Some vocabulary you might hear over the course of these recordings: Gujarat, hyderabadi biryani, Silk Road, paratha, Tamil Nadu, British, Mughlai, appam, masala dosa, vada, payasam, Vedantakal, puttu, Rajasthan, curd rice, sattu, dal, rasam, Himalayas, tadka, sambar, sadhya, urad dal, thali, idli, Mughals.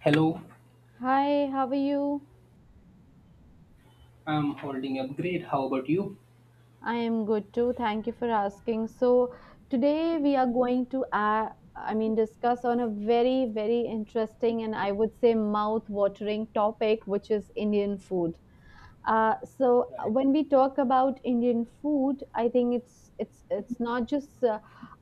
Hello, Hi, how are you? I'm holding up great. How about you? I am good too. Thank you for asking. So today we are going to discuss on a very interesting and I would say mouth-watering topic, which is Indian food. Right. When we talk about Indian food, I think it's not just uh,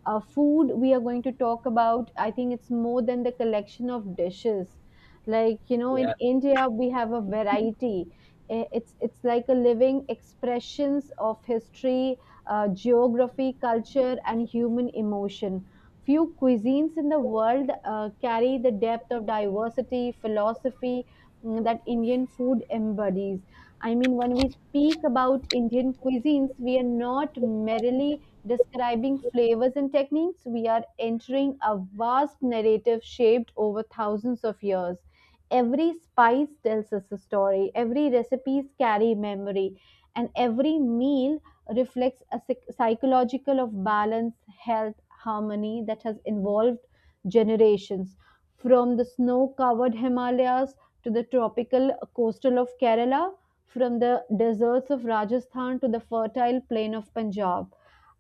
uh, food we are going to talk about. I think it's more than the collection of dishes. Like you know, in Yeah. India we have a variety. It's like a living expressions of history, geography, culture, and human emotion. Few cuisines in the world carry the depth of diversity, philosophy that Indian food embodies. I mean, when we speak about Indian cuisines, we are not merely describing flavors and techniques, we are entering a vast narrative shaped over thousands of years. Every spice tells us a story, every recipes carry memory, and every meal reflects a psychological of balance, health, harmony that has involved generations. From the snow covered Himalayas to the tropical coastal of Kerala, from the deserts of Rajasthan to the fertile plain of Punjab.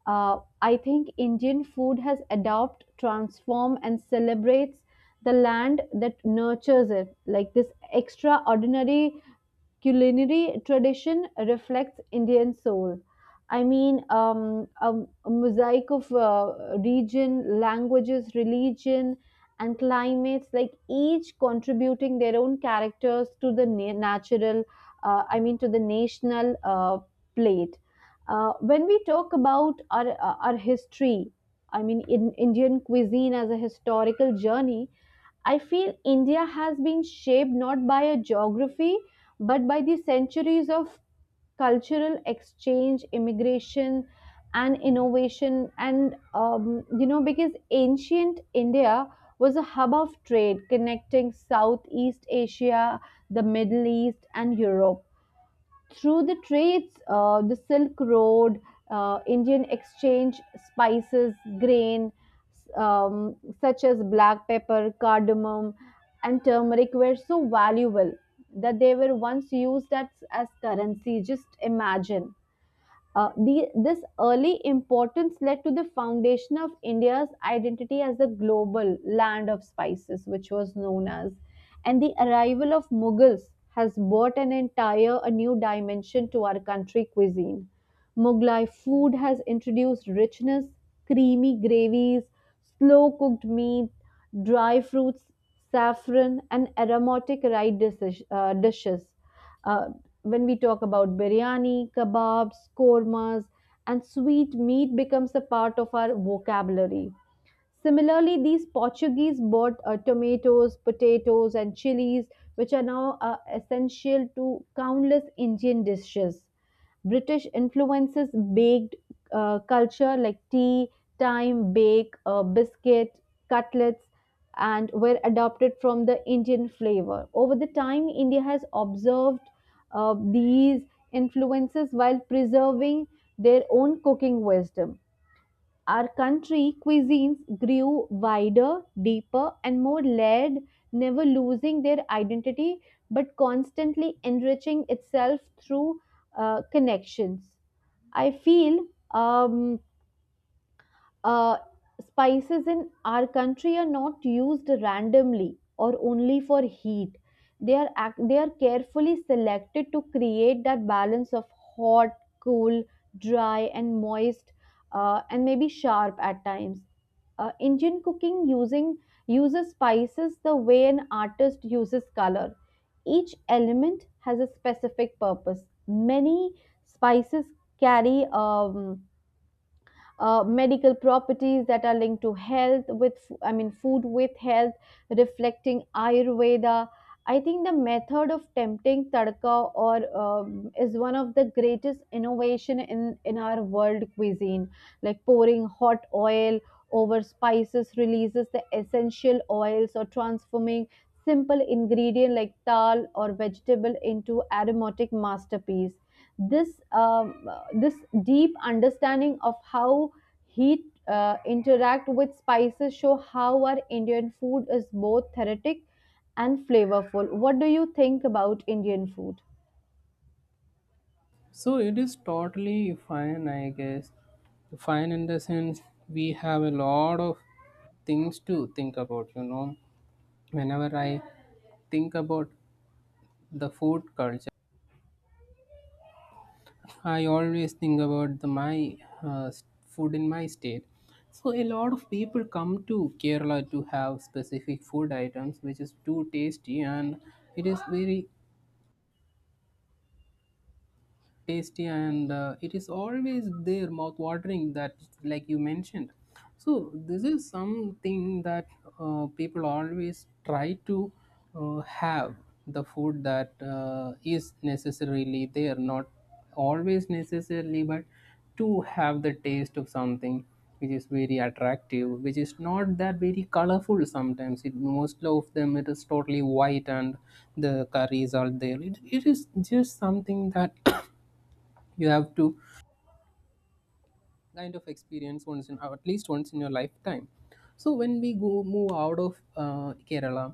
I think Indian food has adopted, transformed, and celebrates the land that nurtures it. Like this extraordinary culinary tradition reflects Indian soul. I mean, um, a, a mosaic of region, languages, religion, and climates, like each contributing their own characters to the natural, to the national plate. When we talk about our history, I mean, in Indian cuisine as a historical journey, I feel India has been shaped not by a geography but by the centuries of cultural exchange, immigration, and innovation, and you know, because ancient India was a hub of trade connecting Southeast Asia, the Middle East, and Europe through the trades, the Silk Road, Indian exchange, spices, grain, such as black pepper, cardamom, and turmeric were so valuable that they were once used as currency. Just imagine. This early importance led to the foundation of India's identity as the global land of spices, which was known as. And the arrival of Mughals has brought an entire a new dimension to our country cuisine. Mughlai food has introduced richness, creamy gravies, slow cooked meat, dry fruits, saffron, and aromatic rice dishes. Uh, when we talk about biryani, kebabs, kormas, and sweet meat becomes a part of our vocabulary. Similarly, these Portuguese bought tomatoes, potatoes, and chilies, which are now essential to countless Indian dishes. British influences baked culture like tea, time bake, biscuit, cutlets, and were adopted from the Indian flavor. Over the time, India has observed these influences while preserving their own cooking wisdom. Our country cuisines grew wider, deeper, and more layered, never losing their identity but constantly enriching itself through connections. I feel um, uh, spices in our country are not used randomly or only for heat. They are carefully selected to create that balance of hot, cool, dry, and moist, and maybe sharp at times. Indian cooking using uses spices the way an artist uses color. Each element has a specific purpose. Many spices carry medical properties that are linked to health with food with health reflecting ayurveda. I think the method of tempting tadka or is one of the greatest innovation in our world cuisine, like pouring hot oil over spices releases the essential oils or transforming simple ingredient like dal or vegetable into aromatic masterpiece. This um, uh, this deep understanding of how heat interact with spices show how our Indian food is both therapeutic and flavorful. What do you think about Indian food? So it is totally fine, I guess. Fine in the sense we have a lot of things to think about, you know. Whenever I think about the food culture, I always think about the my food in my state. So a lot of people come to Kerala to have specific food items, which is too tasty and it is very tasty and it is always there mouth watering that, like you mentioned. So this is something that people always try to have the food that is necessarily there, not always necessarily, but to have the taste of something which is very attractive, which is not that very colorful sometimes. It most of them, it is totally white and the curries are there. It is just something that you have to kind of experience once, in at least once in your lifetime. So when we go, move out of Kerala,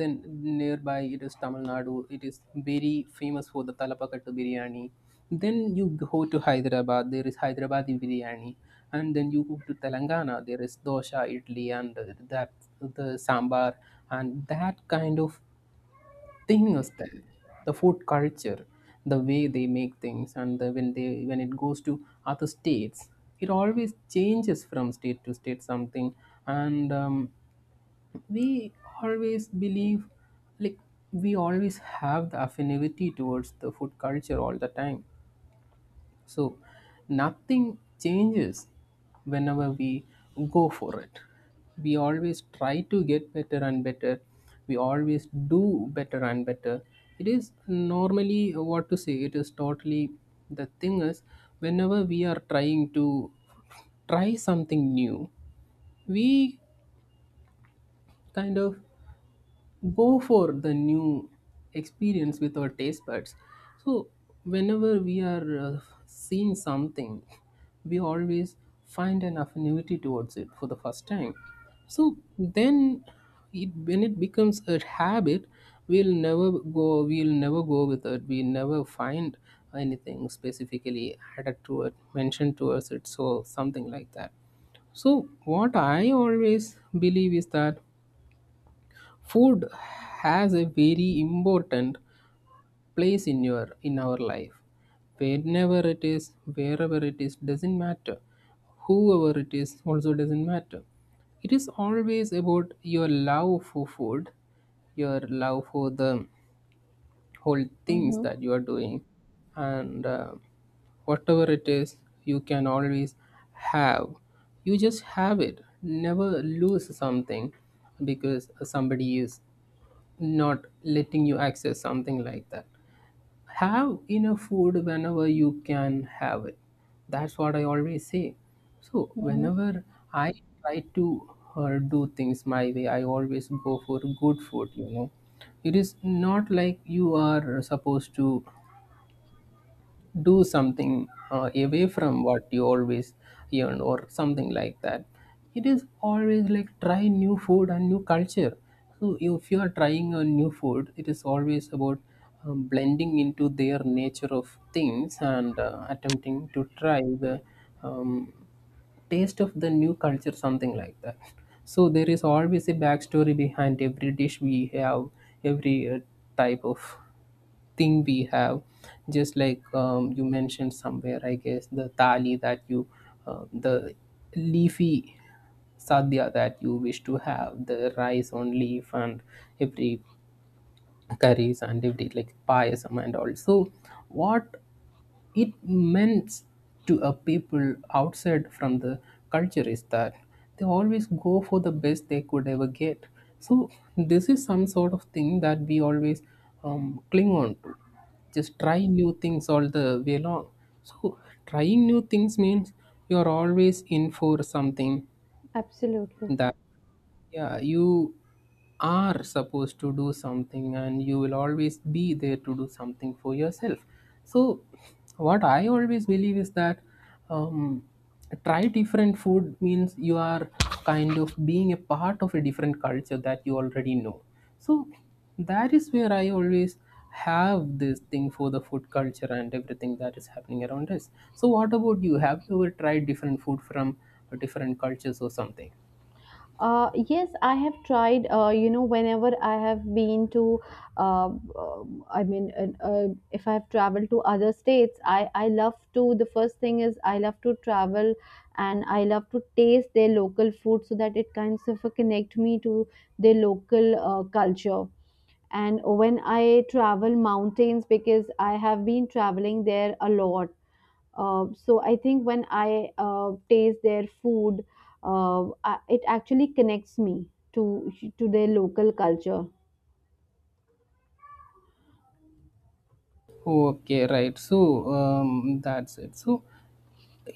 then nearby it is Tamil Nadu. It is very famous for the Talapakattu biryani. Then you go to Hyderabad, there is Hyderabadi biryani, and then you go to Telangana, there is dosha, idli, and that, the sambar, and that kind of thing. Is that the food culture, the way they make things? And when they, when it goes to other states, it always changes from state to state, something. And we always believe, like, we always have the affinity towards the food culture all the time. So nothing changes whenever we go for it. We always try to get better and better. We always do better and better. It is normally, what to say, it is totally, the thing is, whenever we are trying to try something new, we kind of go for the new experience with our taste buds. So whenever we are seeing something, we always find an affinity towards it for the first time. So then, when it becomes a habit, we'll never go with it. We never find anything specifically added to it, mentioned towards it, so something like that. So what I always believe is that food has a very important place in your, in our life. Whenever it is, wherever it is, doesn't matter. Whoever it is, also doesn't matter. It is always about your love for food, your love for the whole things Mm-hmm. that you are doing. And whatever it is, you can always have, you just have it. Never lose something because somebody is not letting you access something like that. Have enough food whenever you can have it. That's what I always say. So, Mm-hmm. whenever I try to do things my way, I always go for good food, you know. It is not like you are supposed to do something away from what you always earn or something like that. It is always like try new food and new culture. So if you are trying a new food, it is always about blending into their nature of things and attempting to try the um, taste of the new culture, something like that. So there is always a backstory behind every dish we have, every type of thing we have. Just like, you mentioned somewhere, I guess, the thali that you, the leafy sadhya that you wish to have, the rice on leaf and every curries and every like payasam and all. So what it meant to a people outside from the culture is that they always go for the best they could ever get. So this is some sort of thing that we always cling on to. Just try new things all the way along. So trying new things means you're always in for something, Absolutely. that, yeah, you are supposed to do something, and you will always be there to do something for yourself. So what I always believe is that, um, try different food means you are kind of being a part of a different culture that you already know. So that is where I always have this thing for the food culture and everything that is happening around us. So what about you, have you ever tried different food from different cultures or something? Yes, I have tried. You know, whenever I have been to, if I have traveled to other states, I love to. The first thing is I love to travel, and I love to taste their local food so that it kind of connect me to their local culture. And when I travel mountains, because I have been traveling there a lot, so I think when I taste their food, it actually connects me to their local culture. Okay, right. So that's it. So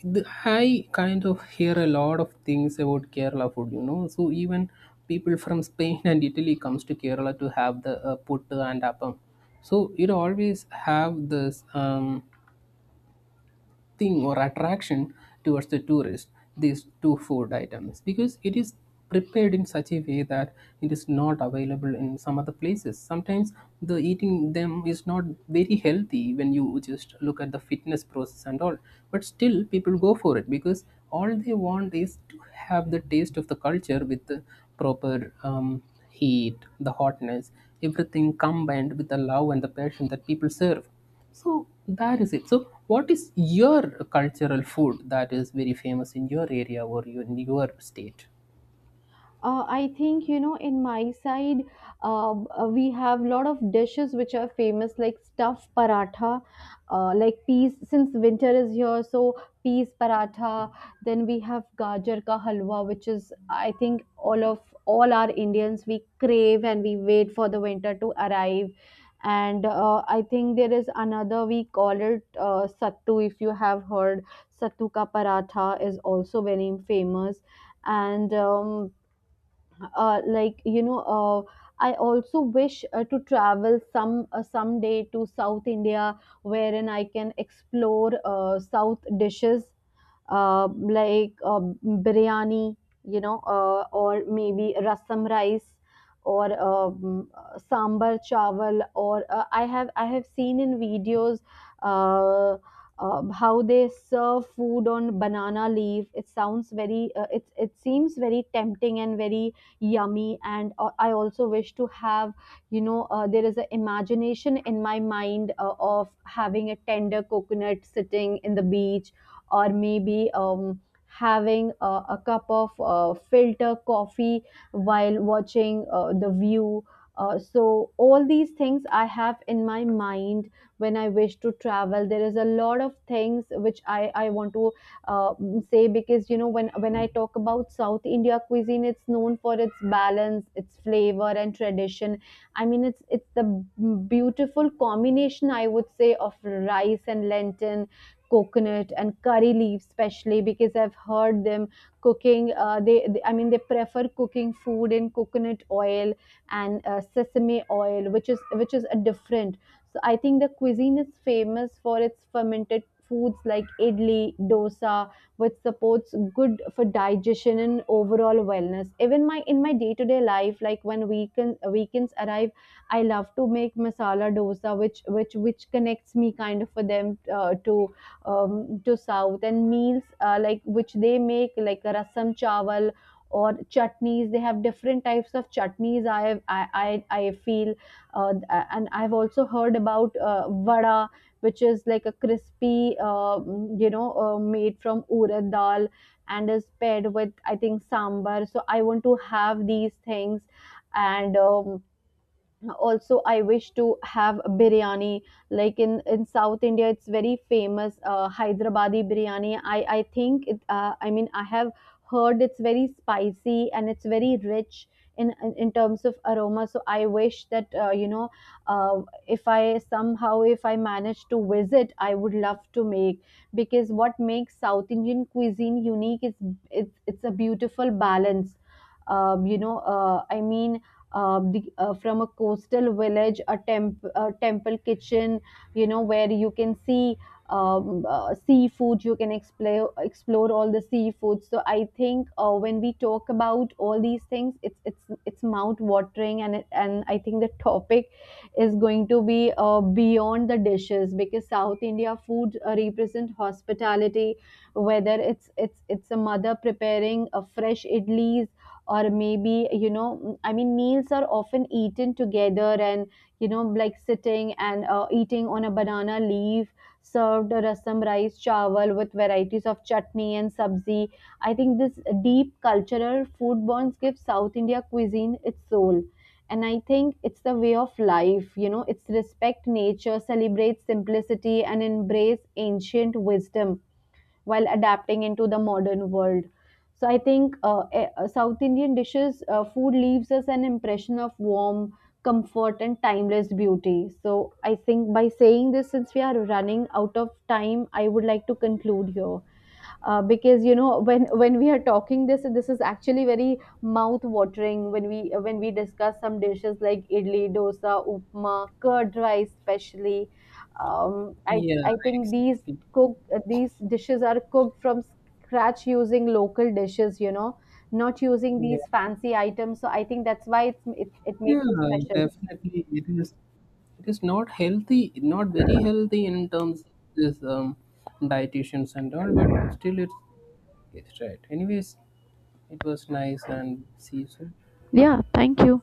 I kind of hear a lot of things about Kerala food, you know. So even people from Spain and Italy comes to Kerala to have the puttu and appam. So it always have this. Thing or attraction towards the tourist, these two food items, because it is prepared in such a way that it is not available in some other places sometimes. The eating them is not very healthy when you just look at the fitness process and all, but still people go for it because all they want is to have the taste of the culture with the proper heat, the hotness, everything combined with the love and the passion that people serve. So that is it. So what is your cultural food that is very famous in your area, or your, in your state? I think you know in my side, we have lot of dishes which are famous like stuffed paratha, like peas. Since winter is here, so peas paratha. Then we have gajar ka halwa, which is I think all our Indians we crave and we wait for the winter to arrive. And I think there is another we call it sattu. If you have heard, sattu ka paratha is also very famous. And uh, like you know uh, I also wish to travel someday to South India wherein I can explore south dishes, uh, like uh, biryani, you know, or maybe rasam rice or sambar chawal. Or I have I have seen in videos uh, how they serve food on banana leaf. It sounds very it it seems very tempting and very yummy. And I also wish to have, you know, there is an imagination in my mind of having a tender coconut sitting in the beach, or maybe having a cup of filter coffee while watching the view. So all these things I have in my mind when I wish to travel. There is a lot of things which I want to uh, say, because you know, when I talk about South India cuisine, it's known for its balance, its flavor and tradition. I mean, it's the beautiful combination I would say of rice and lentil, coconut and curry leaves, especially because I've heard them cooking. They they prefer cooking food in coconut oil and sesame oil, which is a different. So I think the cuisine is famous for its fermented foods like idli, dosa, which supports good for digestion and overall wellness. Even my day-to-day life, like when weekends arrive, I love to make masala dosa, which connects me kind of for them to south and meals like which they make, like rasam chawal or chutneys. They have different types of chutneys. I feel uh, and I've also heard about vada, which is like a crispy you know, made from urad dal and is paired with I think sambar. So I want to have these things. And also I wish to have a biryani, like in South India. It's very famous, hyderabadi biryani. I think it I have heard it's very spicy and it's very rich in in terms of aroma. So I wish that, uh, if I somehow, if I manage to visit, I would love to make. Because what makes South Indian cuisine unique is it's a beautiful balance. Um, you know I mean the, From a coastal village, a temple kitchen, you know, where you can see seafood, you can explore all the seafood. So I think when we talk about all these things, it's mouth watering, and and I think the topic is going to be beyond the dishes, because South India food represent hospitality, whether it's a mother preparing a fresh idlis, or maybe, you know, I mean, meals are often eaten together, and you know, like sitting and eating on a banana leaf, served rasam rice chawal with varieties of chutney and sabzi. I think this deep cultural food bonds give South India cuisine its soul. And I think it's the way of life, you know, it's respect nature, celebrate simplicity and embrace ancient wisdom while adapting into the modern world. So I think South Indian dishes food leaves us an impression of warm comfort and timeless beauty. So I think by saying this, since we are running out of time, I would like to conclude here, because you know when we are talking this, this is actually very mouth watering, when we discuss some dishes like idli dosa upma curd rice especially. um, I Yeah, I think these exactly. cook these dishes are cooked from scratch using local dishes. You know, not using Yeah. these fancy items. So I think that's why it Yeah, makes it special. definitely. It is, it is not healthy, not very healthy in terms of this dietitians and all, but still it's right. Anyways, it was nice, and see you soon. Yeah, thank you.